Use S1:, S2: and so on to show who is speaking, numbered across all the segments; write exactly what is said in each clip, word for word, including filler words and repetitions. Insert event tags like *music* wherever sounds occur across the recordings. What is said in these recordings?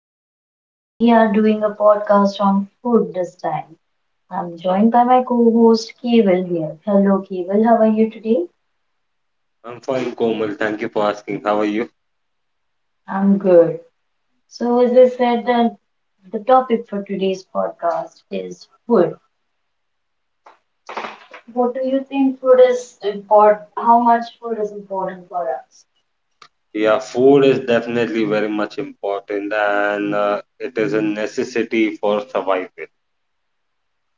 S1: Komal. We are doing a podcast on food this time. I'm joined by my co-host Keval here. Hello Keval, how are you today?
S2: I'm fine, Komal. Thank you for asking. How are you?
S1: I'm good. So as I said, the, the topic for today's podcast is food. What do you think food is important? How much food is important for us?
S2: Yeah, food is definitely very much important and uh, it is a necessity for survival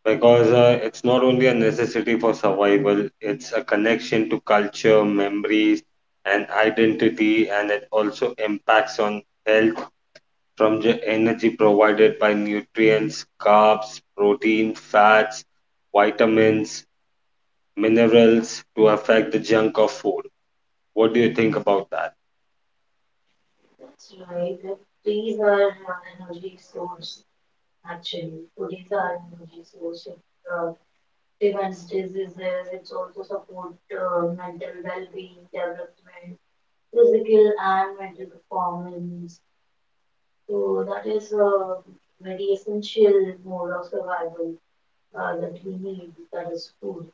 S2: because uh, it's not only a necessity for survival, it's a connection to culture, memories, and identity, and it also impacts on health from the energy provided by nutrients, carbs, protein, fats, vitamins, minerals to affect the junk of food. What do you think about that?
S1: That's right. That These are uh, energy source actually. Food is our energy source. Prevents diseases, it's also support uh, mental well-being, development, physical and mental performance. So that is a very essential mode of survival uh, that we need, that is food.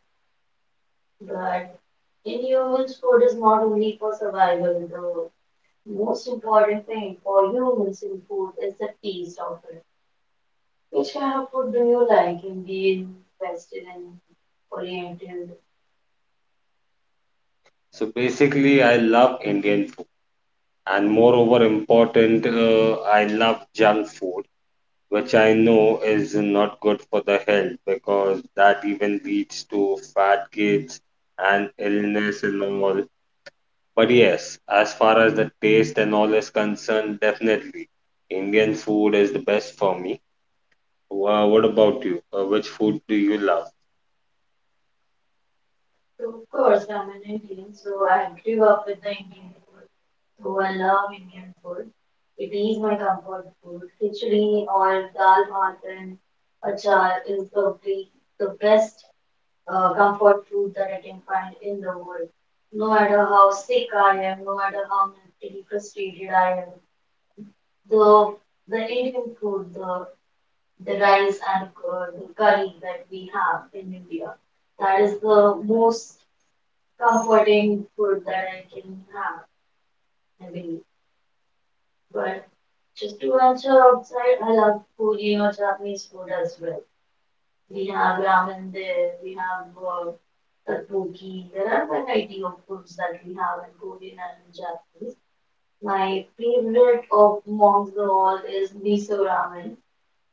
S1: But in humans, food is not only for survival. The most important thing for humans in food is the taste of it. Which kind of food do you like? Indian, Western, Oriental?
S2: So basically, I love Indian food, and moreover, important, uh, I love junk food, which I know is not good for the health because that even leads to fat kids and illness and all. But yes, as far as the taste and all is concerned, definitely Indian food is the best for me. Uh, what about you? Uh, which food do you love?
S1: So, of course, I'm an Indian, so I grew up with the Indian food. So I love Indian food. It is my comfort food. Khichdi or dal bhat and achar is the be- the best uh, comfort food that I can find in the world. No matter how sick I am, no matter how mentally frustrated I am, the the Indian food, the the rice and uh, the curry that we have in India, that is the most comforting food that I can have maybe. But just to venture outside, I love Korean or Japanese food as well. We have ramen there, we have uh, tteokbokki. There are variety of foods that we have in Korean and in Japanese. My favorite of amongst the all is miso ramen.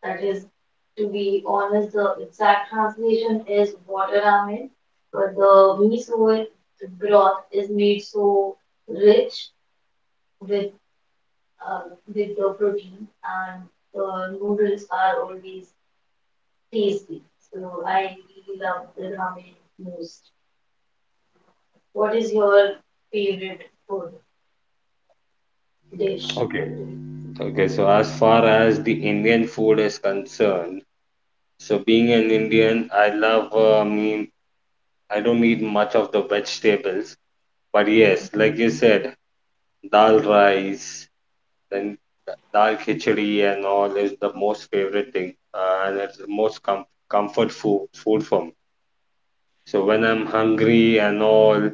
S1: That is, to be honest, the exact translation is water ramen, but the miso broth is made so rich with um, with the protein, and the noodles are always tasty. So I really love the ramen most. What is your favorite food dish?
S2: Okay. Okay, so as far as the Indian food is concerned, So being an Indian, I love, uh, I mean, I don't eat much of the vegetables, but yes, like you said, dal rice, then da- dal khichdi and all is the most favorite thing, uh, and it's the most com comfort food food for me. So when I'm hungry and all,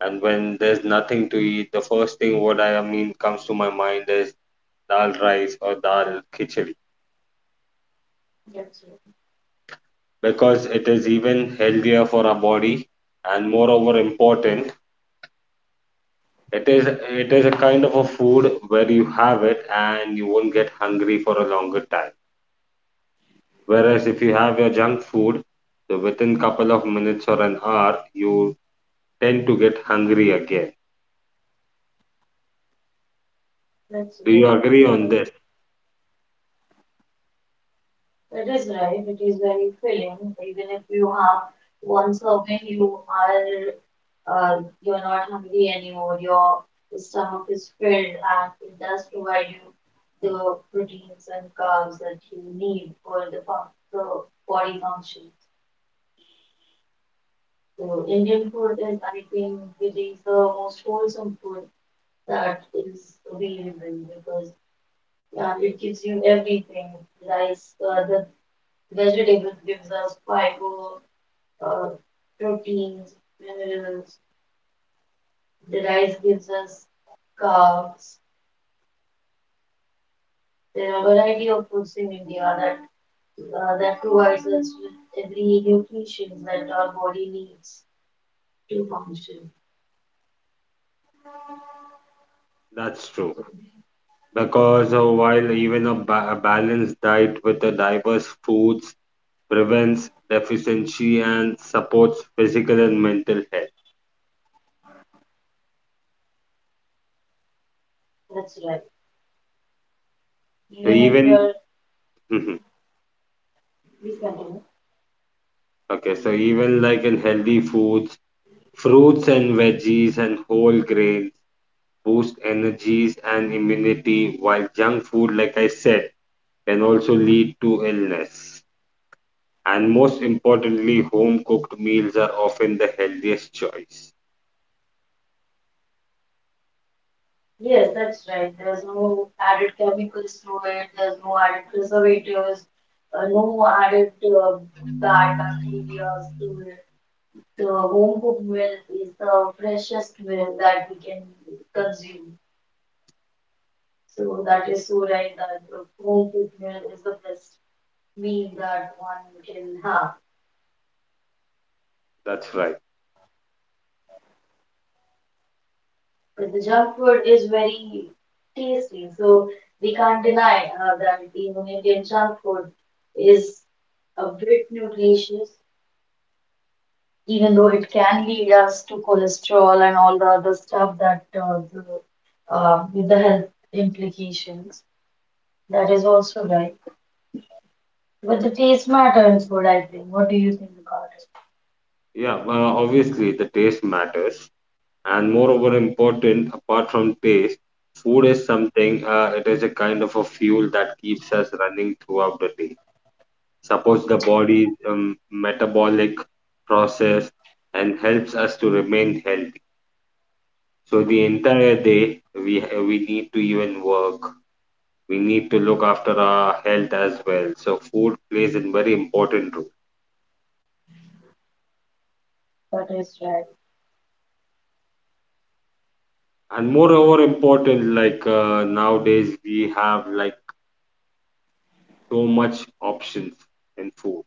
S2: and when there's nothing to eat, the first thing what I, I mean comes to my mind is dal rice or dal khichdi
S1: That's it.
S2: because it is even healthier for our body and moreover important. It is it is a kind of a food where you have it and you won't get hungry for a longer time. Whereas if you have your junk food, so within couple of minutes or an hour, you tend to get hungry again.
S1: That's it.
S2: Do you agree on this?
S1: That is right, it is very filling, even if you have one serving, you are, uh, you're not hungry anymore, your stomach is filled and it does provide you the proteins and carbs that you need for the, fu- the body function. So Indian food is, I think, it is the most wholesome food that is available because, uh, it gives you everything, rice, uh, the vegetables gives us fiber, uh, proteins, minerals, the rice gives us carbs. There are a variety of foods in India that uh, that provides us with every nutrition that our body needs to function.
S2: That's true. Because uh, while even a, ba- a balanced diet with the diverse foods prevents deficiency and supports physical and mental health.
S1: That's right.
S2: So
S1: Even if
S2: even
S1: you're
S2: *laughs*
S1: discontinued.
S2: okay, so even like in healthy foods, fruits and veggies and whole grains boost energies and immunity, while junk food, like I said, can also lead to illness. And most importantly, home cooked meals are often the healthiest choice.
S1: Yes, that's right. There's no added chemicals to it. There's no added preservatives. Uh, no added uh, bad bacteria to it. The home cooked meal is the freshest meal that we can consume. So that is so right that the home cooked meal is the best meal that one can have.
S2: That's right.
S1: But the junk food is very tasty, so we can't deny uh, that even Indian junk food is a bit nutritious, even though it can lead us to cholesterol and all the other stuff that uh, the, uh, with the health implications. That is also right. But the taste matter is what I think. What do you think about it?
S2: Yeah, uh, obviously, the taste matters. And moreover, important, apart from taste, food is something, uh, it is a kind of a fuel that keeps us running throughout the day, supports the body's um, metabolic process and helps us to remain healthy. So the entire day we we need to even work. We need to look after our health as well. So food plays a very important role.
S1: That is right.
S2: And moreover important, like uh, nowadays we have like so much options in food.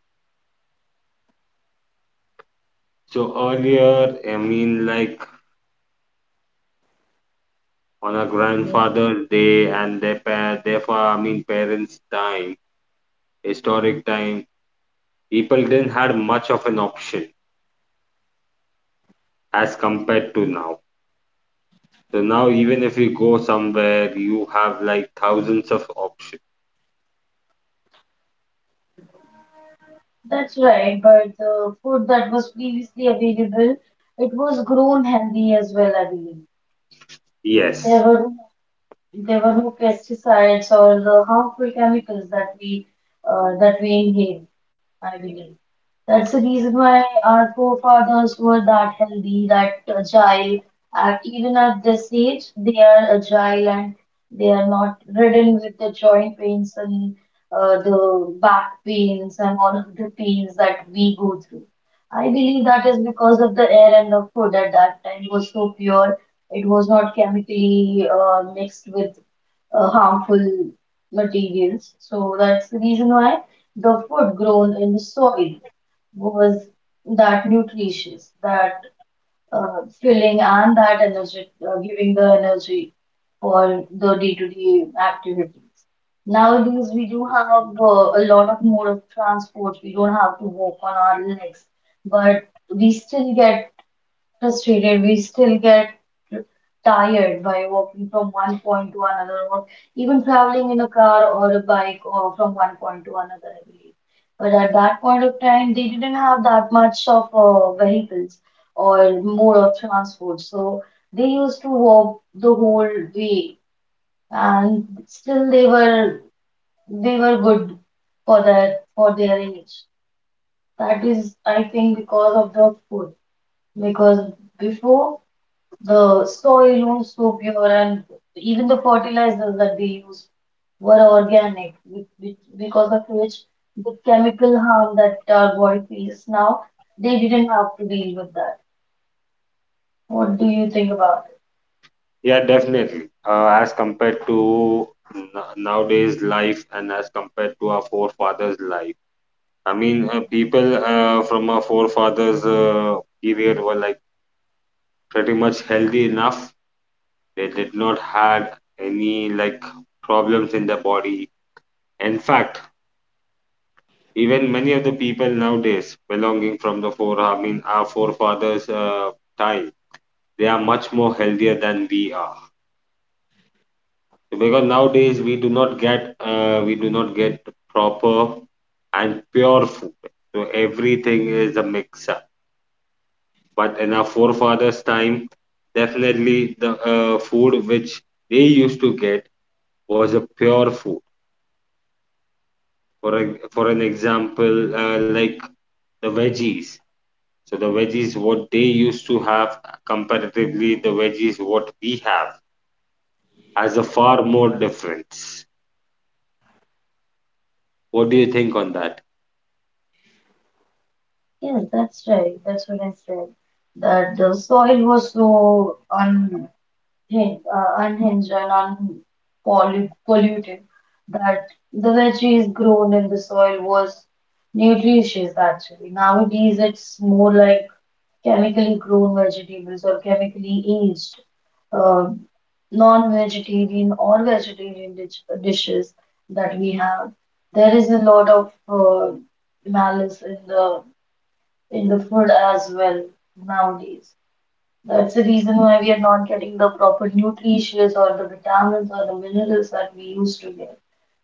S2: So earlier, I mean, like on our
S1: Yeah.
S2: grandfather, day and their pa- their fa- I mean parents' time, historic time, people didn't have much of an option as compared to now. So now, even if you go somewhere, you have like thousands of options.
S1: That's right, but the food that was previously available, it was grown healthy as well, I believe. There
S2: Yes,
S1: were there were no pesticides or the harmful chemicals that we uh, that we inhale, I believe. That's the reason why our forefathers were that healthy, that agile, and even at this age, they are agile and they are not ridden with the joint pains and uh, the back pains and all of the pains that we go through. I believe that is because of the air and the food at that time was so pure, it was not chemically uh, mixed with uh, harmful materials. So that's the reason why the food grown in the soil was that nutritious, that uh, filling, and that energy, uh, giving the energy for the day-to-day activities. Nowadays, we do have uh, a lot of mode of transport. We don't have to walk on our legs, but we still get frustrated. We still get tired by walking from one point to another, or even traveling in a car or a bike or from one point to another, I believe. But at that point of time, they didn't have that much of uh, vehicles or mode of transport, so they used to walk the whole way, and still they were they were good for that for their age. That is, I think, because of the food, because before. The soil was so pure, and even the fertilizers that they used were organic, which, which, because of which the chemical harm that our body feels now, they didn't have to deal with that. What do you think about it?
S2: yeah, definitely. Uh, as compared to n- nowadays life, and as compared to our forefathers' life, I mean, uh, people uh, from our forefathers' uh, period were like pretty much healthy enough. They did not had any like problems in their body. In fact, even many of the people nowadays belonging from the four, I mean, our forefathers' uh, time, they are much more healthier than we are. Because nowadays we do not get, uh, we do not get proper and pure food. So everything is a mix up. But in our forefathers' time, definitely the uh, food which they used to get was a pure food. For a, for an example, uh, like the veggies. So the veggies what they used to have, comparatively the veggies what we have, has a far more difference. What do you think on that?
S1: Yes, that's right. That's what I said. That the soil was so un hin- uh, unhinged and unpolluted, polluted, that the veggies grown in the soil was nutritious actually. Nowadays, it's more like chemically grown vegetables or chemically aged, uh, non-vegetarian or vegetarian dish dishes that we have. There is a lot of uh, malice in the in the food as well nowadays. That's the reason why we are not getting the proper nutrients or the vitamins or the minerals that we used to get.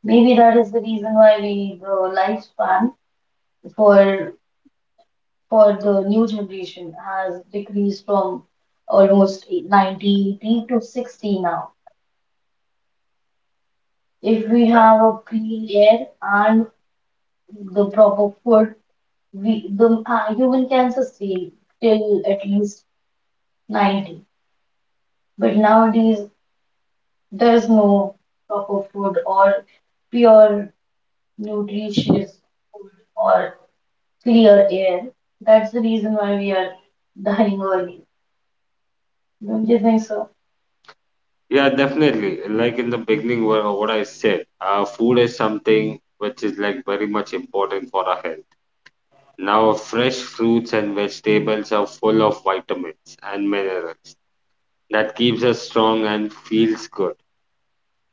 S1: Maybe that is the reason why we the lifespan for for the new generation has decreased from almost ninety, eighty to sixty now. If we have a clean air and the proper food, we the uh, human can sustain till at least ninety. But nowadays there's no proper food or pure, nutritious food or clear air. That's the reason why we are dying early. Don't you think so?
S2: Yeah, definitely. Like in the beginning, wha- what I said, uh, food is something which is like very much important for our health. Now, fresh fruits and vegetables are full of vitamins and minerals that keeps us strong and feels good.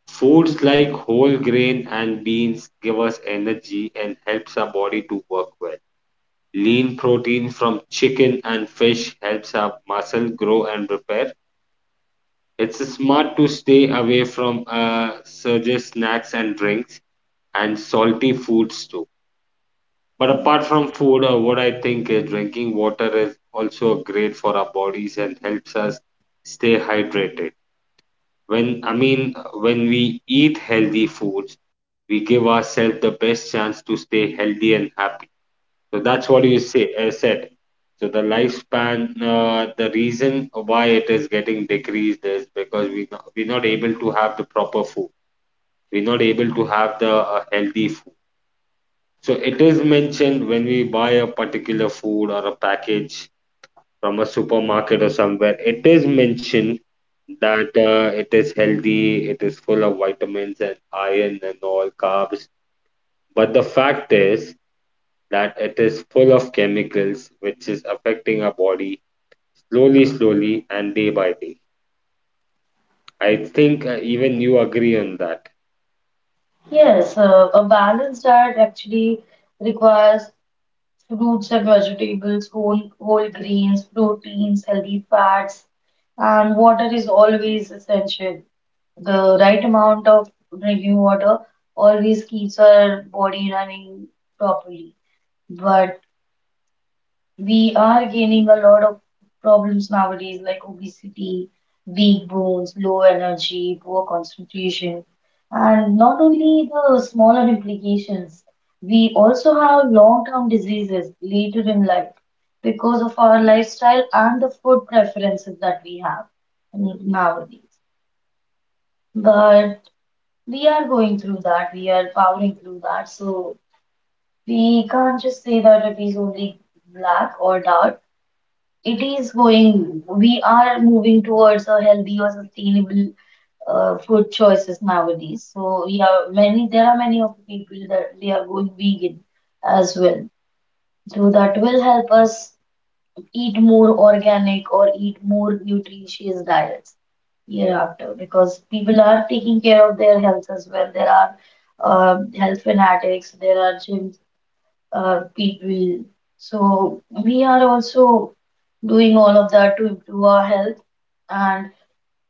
S2: Foods like whole grain and beans give us energy and helps our body to work well. Lean protein from chicken and fish helps our muscle grow and repair. It's smart to stay away from uh, surges, snacks, and drinks, and salty foods too. But apart from food, uh, what I think is drinking water is also great for our bodies and helps us stay hydrated. When I mean, when we eat healthy foods, we give ourselves the best chance to stay healthy and happy. So that's what you say uh, said. So the lifespan, uh, the reason why it is getting decreased is because we not, we're not able to have the proper food. We're not able to have the uh, healthy food. So it is mentioned when we buy a particular food or a package from a supermarket or somewhere. It is mentioned that uh, it is healthy, it is full of vitamins and iron and all carbs. But the fact is, that it is full of chemicals which is affecting our body slowly, slowly, and day by day. I think uh, even you agree on that.
S1: Yes, uh, a balanced diet actually requires fruits and vegetables, whole whole grains, proteins, healthy fats, and water is always essential. The right amount of drinking water always keeps our body running properly. But we are gaining a lot of problems nowadays, like obesity, weak bones, low energy, poor concentration, and not only the smaller implications, we also have long-term diseases later in life because of our lifestyle and the food preferences that we have nowadays. But we are going through that, we are powering through that, so we can't just say that it is only black or dark. It is going, we are moving towards a healthy or sustainable uh, food choices nowadays. So yeah, many there are many of the people that they are going vegan as well. So that will help us eat more organic or eat more nutritious diets hereafter because people are taking care of their health as well. There are um health fanatics, there are gym uh, people. So we are also doing all of that to improve our health. And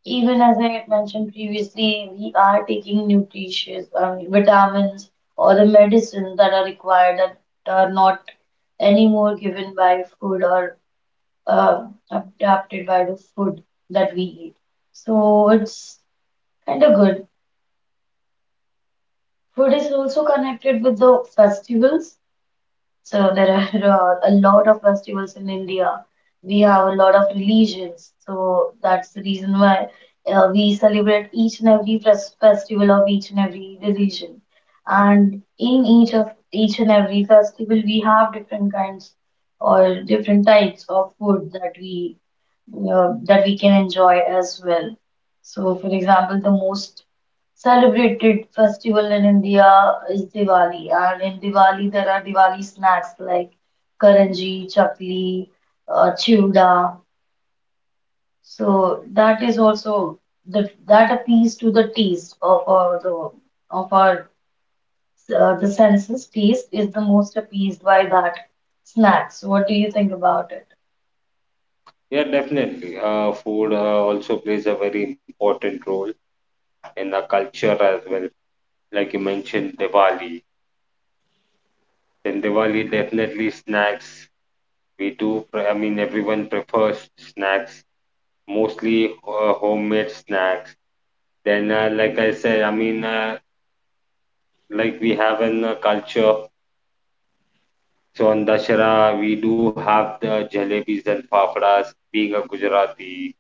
S1: even as I had mentioned previously, we are taking nutritious um, vitamins or the medicines that are required that are not anymore given by food or uh, adapted by the food that we eat. So it's kind of good. Food is also connected with the festivals. So there are a lot of festivals in India. We have a lot of religions, so that's the reason why uh, we celebrate each and every fes- festival of each and every religion. And in each of each and every festival, we have different kinds or different types of food that we uh, that we can enjoy as well. So, for example, the most celebrated festival in India is Diwali, and in Diwali there are Diwali snacks like karanji, chakli, uh, chivda. So that is also the that appeals to the taste of our the of our uh, the senses. Taste is the most appeased by that snacks. What do you think about it?
S2: Yeah, definitely. Uh, food uh, also plays a very important role in our culture as well. Like you mentioned, Diwali. Then Diwali definitely snacks. We do, pre- I mean, everyone prefers snacks, mostly uh, homemade snacks. Then, uh, like I said, I mean, uh, like we have in uh, culture. So on Dashera, we do have the jalebis and fafdas, being a Gujarati.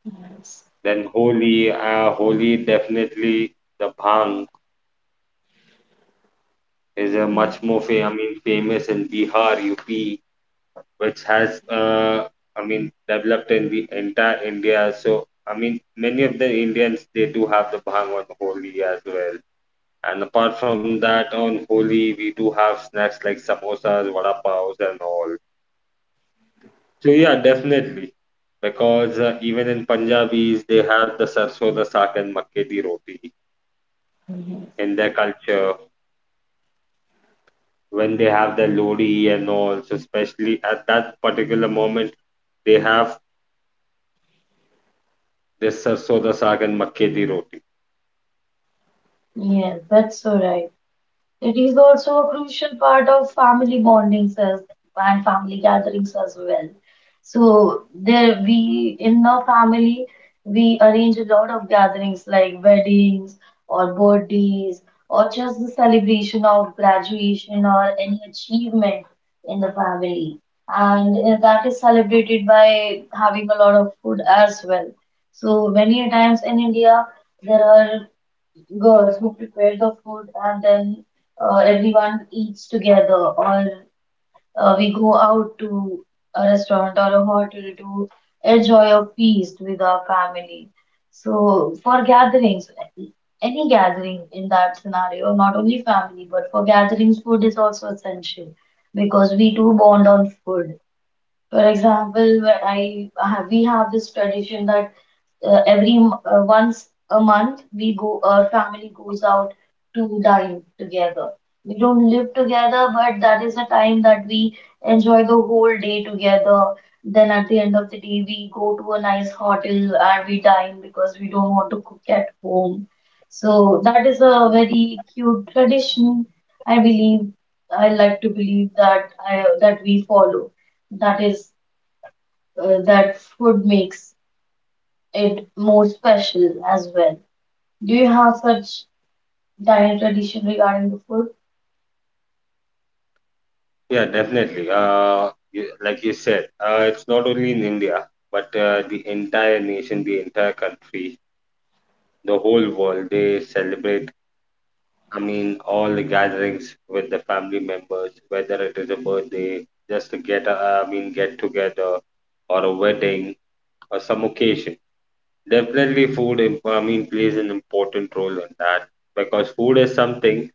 S1: Yes.
S2: Then Holi, uh, Holi definitely the bhang is a much more fa- I mean famous in Bihar, U P, which has uh, I mean developed in the entire India. So I mean many of the Indians they do have the bhang on Holi as well. And apart from that, on Holi we do have snacks like samosas, vada paos, and all. So yeah, definitely. Because uh, even in Punjabis, they have the sarson da saag and makke di roti
S1: Yeah.
S2: in their culture. When they have the lodi and all, so especially at that particular moment, they have this sarson da saag and makke di roti.
S1: Yes, that's so right. It is also a crucial part of family bondings as and family gatherings as well. So there we in our family we arrange a lot of gatherings like weddings or birthdays or just the celebration of graduation or any achievement in the family. And uh, that is celebrated by having a lot of food as well. So many a times in India there are girls who prepare the food and then uh, everyone eats together or uh, we go out to a restaurant or a hotel to enjoy a feast with our family. So for gatherings, any gathering in that scenario, not only family, but for gatherings, food is also essential because we do bond on food. For example, where I have, we have this tradition that uh, every m- uh, once a month we go our family goes out to dine together. We don't live together, but that is a time that we enjoy the whole day together. Then at the end of the day, we go to a nice hotel and we dine because we don't want to cook at home. So that is a very cute tradition. I believe I like to believe that I that we follow. That is uh, that food makes it more special as well. Do you have such dining tradition regarding the food?
S2: Yeah, definitely. Uh, you, like you said, uh, it's not only in India, but uh, the entire nation, the entire country, the whole world, they celebrate, I mean, all the gatherings with the family members, whether it is a birthday, just to get, a, I mean, get together, or a wedding, or some occasion. Definitely, food, imp- I mean, plays an important role in that because food is something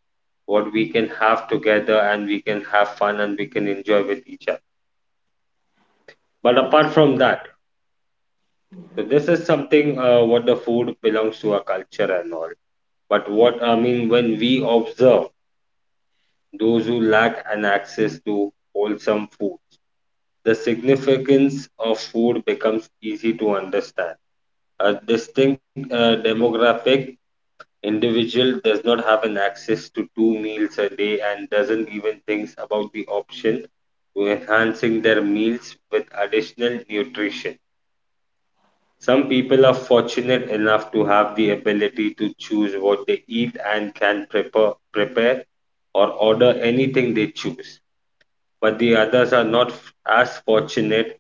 S2: what we can have together and we can have fun and we can enjoy with each other. But
S1: That's
S2: apart
S1: right.
S2: from that, so this is something uh, what the food belongs to our culture and all. But what I mean, when we observe those who lack an access to wholesome food, the significance of food becomes easy to understand. A distinct uh, demographic individual does not have an access to two meals a day and doesn't even think about the option to enhancing their meals with additional nutrition. Some people are fortunate enough to have the ability to choose what they eat and can prepare, prepare or order anything they choose. But the others are not f- as fortunate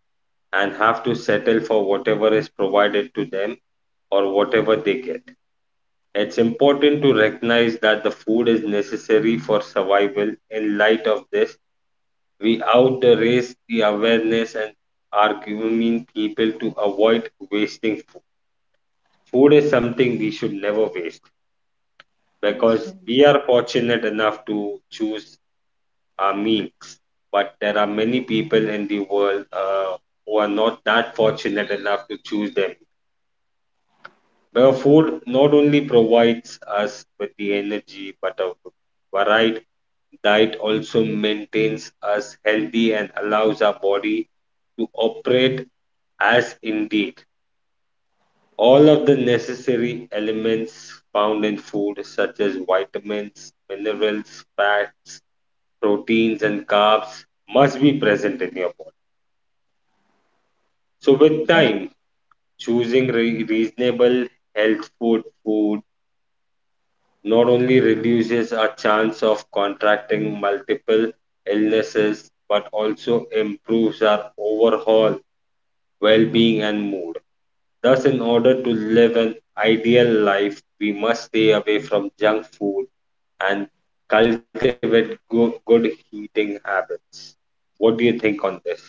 S2: and have to settle for whatever is provided to them or whatever they get. It's important to recognize that the food is necessary for survival. In light of this, we out the raise the awareness and arguing people to avoid wasting food. Food is something we should never waste
S1: That's
S2: because we are fortunate enough to choose are means, but there are many people in the world uh, who are not that fortunate enough to choose them. Where food not only provides us with the energy, but a varied diet also maintains us healthy and allows our body to operate as indeed. All of the necessary elements found in food, such as vitamins, minerals, fats, proteins, and carbs, must be present in your body. So with
S1: right.
S2: time, choosing re- reasonable health food food not only reduces our chance of contracting multiple illnesses but also improves our overall well-being and mood. Thus, in order to live an ideal life, we must stay away from junk food and cultivate go- good eating habits. What do you think on this?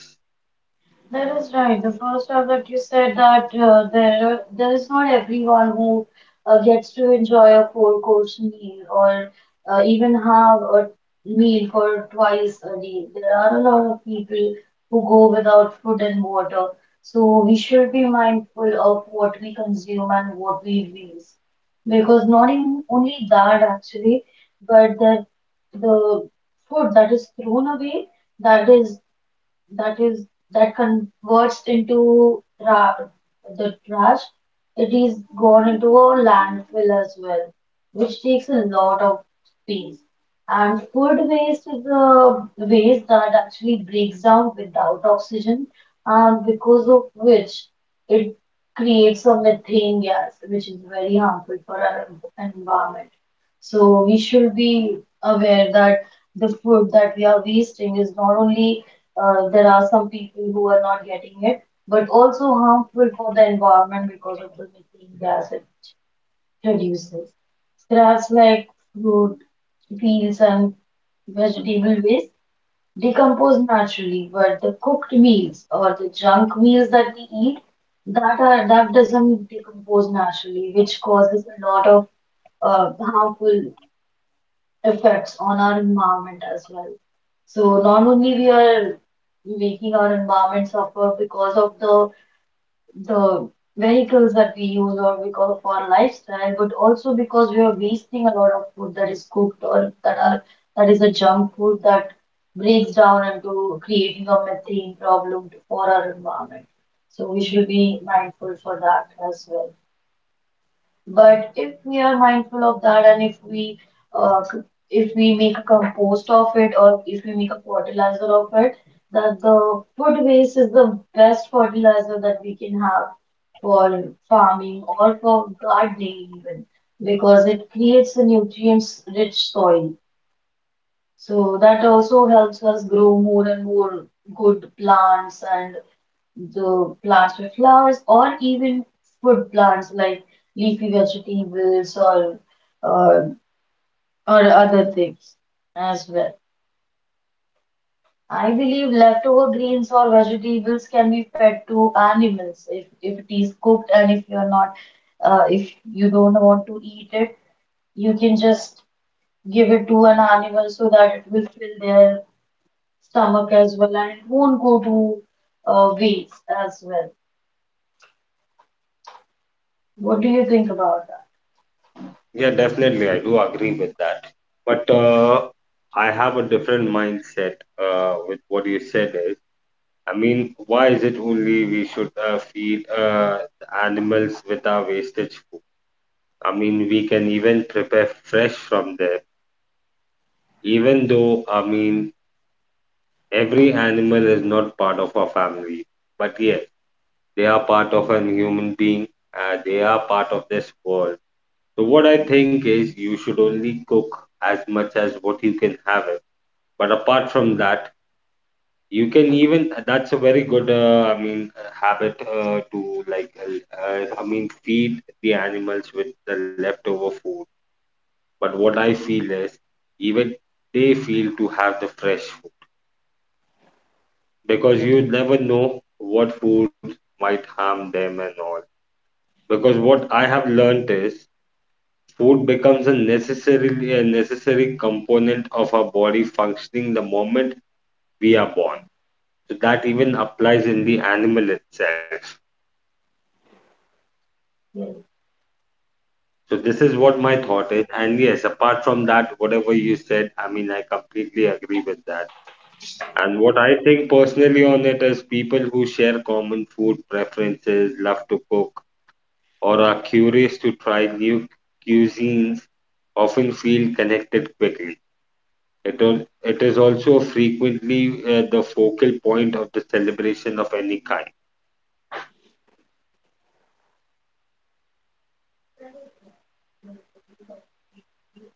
S1: That is right. The first time that you said that uh, there are, there is not everyone who uh, gets to enjoy a four-course meal or uh, even have a meal for twice a day. There are a lot of people who go without food and water. So we should be mindful of what we consume and what we waste. Because not even only that actually, but that the food that is thrown away, that is that is that converts into ra the trash, it is gone into a landfill as well, which takes a lot of space. And food waste is a waste that actually breaks down without oxygen, and because of which it creates a methane gas, which is very harmful for our environment. So we should be aware that the food that we are wasting is not only uh, there are some people who are not getting it, but also harmful for the environment because of the methane gas it produces. Scraps like fruit, peels, and vegetable waste decompose naturally, but the cooked meals or the junk meals that we eat, that are that doesn't decompose naturally, which causes a lot of uh, harmful effects on our environment as well. So not only we are making our environment suffer because of the the vehicles that we use or because of our lifestyle, but also because we are wasting a lot of food that is cooked or that are that is a junk food that breaks down into creating a methane problem for our environment. So we should be mindful for that as well. But if we are mindful of that and if we uh, c- if we make a compost of it or if we make a fertilizer of it, that the food waste is the best fertilizer that we can have for farming or for gardening even because it creates a nutrients rich soil so that also helps us grow more and more good plants and the plants with flowers or even food plants like leafy vegetables or uh, or other things as well. I believe leftover greens or vegetables can be fed to animals if, if it is cooked and if you're not uh, if you don't want to eat it, you can just give it to an animal so that it will fill their stomach as well, and it won't go to uh, waste as well. What do you think about that?
S2: Yeah, definitely. I do agree with that. But uh, I have a different mindset uh, with what you said is, I mean, why is it only we should uh, feed uh, animals with our wastage food? I mean, we can even prepare fresh from there, even though, I mean, every animal is not part of our family. But yes, they are part of an human being. Uh, they are part of this world. So what I think is you should only cook as much as what you can have it. But apart from that, you can even that's a very good uh, I mean uh, habit uh, to like uh, uh, I mean feed the animals with the leftover food. But what I feel is even they feel to have the fresh food because you never know what food might harm them and all. Because what I have learned is food becomes a necessarily a necessary component of our body functioning the moment we are born. So that even applies in the animal itself.
S1: Yeah,
S2: So this is
S1: that's
S2: what my thought is. And yes, apart from that, whatever you said, I mean, I completely agree with that. And what I think personally on it is people who share common food preferences, love to cook, or are curious to try new cuisines often feel connected quickly. It, al- it is also frequently uh, the focal point of the celebration of any kind,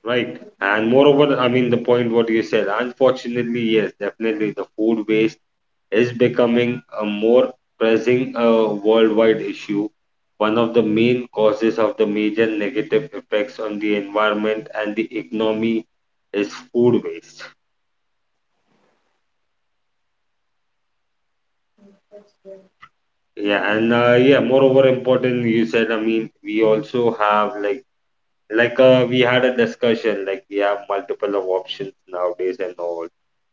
S2: right? And moreover, I mean, the point what you said, unfortunately, yes, definitely the food waste is becoming a more pressing uh, worldwide issue. One of the main causes of the major negative effects on the environment and the economy is food waste. Yeah, and uh, yeah, moreover important, you said, I mean, we also have like like uh, we had a discussion like we have multiple of options nowadays and all,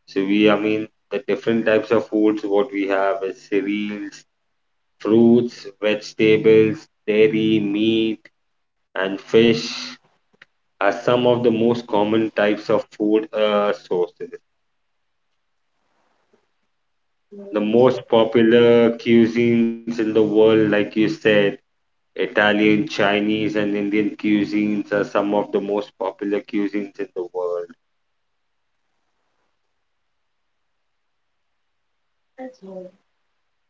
S2: so we, I mean, the different types of foods what we have is cereals, fruits, vegetables, dairy, meat, and fish are some of the most common types of food uh, sources. The
S1: right.
S2: most popular cuisines in the world, like you said, Italian, Chinese, and Indian cuisines are some of the most popular cuisines in the world.
S1: That's right.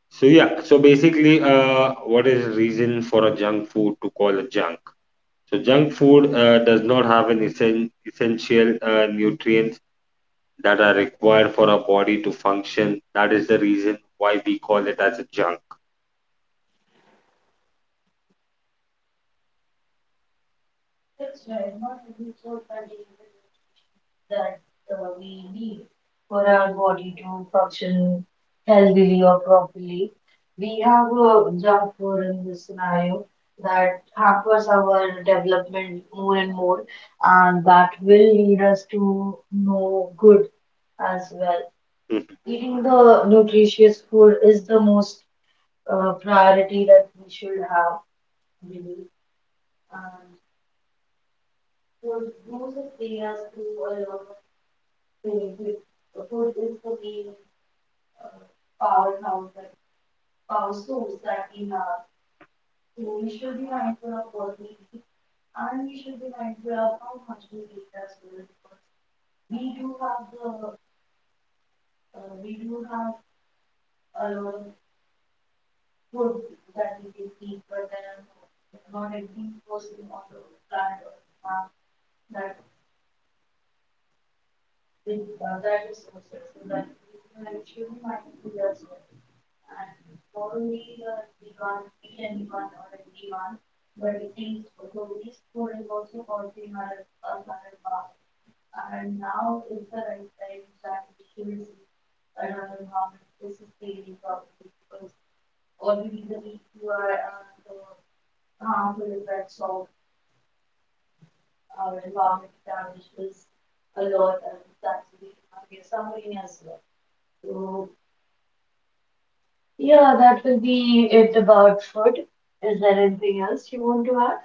S2: So yeah, so basically, uh, what is the reason for a junk food to call it junk? So junk food uh, does not have an essen- essential uh, nutrients that are required for our body to function. That is the reason why we call it as a junk.
S1: That's right. Not every food contains the nutrients that uh, we need for our body to function healthily or properly. We have
S2: Mhm.
S1: a junk food in this scenario that hampers our development more and more, and that will lead us to no good as well. Eating the nutritious food is the most uh, priority that we should have, I believe. And food uses areas to a lot of things. It- Food is the main uh, powerhouse, that power source that we have. So we should be mindful of what we eat, and we should be mindful of how much we eat as well. Because we do have the uh, we do have a lot of food that we will eat for them, not anything posting on the planet or the map that other resources so that we can actually find the resource. And not only the demand, each and demand or the demand, but it is also this code is also causing our, our current bar. And now is the right time that we should see another bar. This is the real problem because already the people who are, uh, the harmful effects of our environment damages a lot and that will be get somebody as well. So, yeah, that will be it about food. Is there anything else you want to add?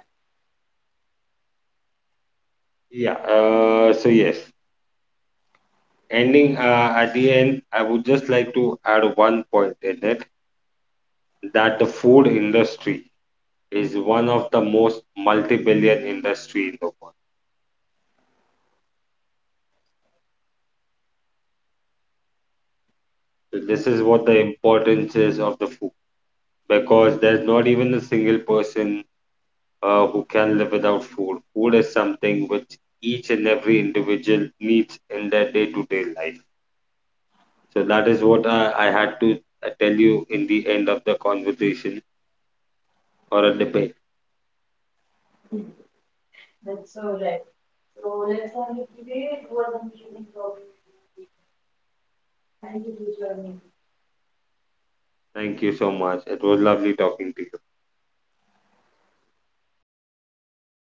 S2: Yeah. Uh, so yes, ending uh, at the end, I would just like to add one point in it that the food industry is one of the most multi-billion industry in the world. So this
S1: Yes.
S2: is what the importance is of the food because there's not even a single person uh, who can live without food. Food is something which each and every individual needs in their day-to-day life. So that is what I, I had to uh, tell you in the end of the conversation or a debate.
S1: That's all right. So let's have it today. It was amazing talking to you. Thank you for joining.
S2: Thank you so much. It was lovely talking to you.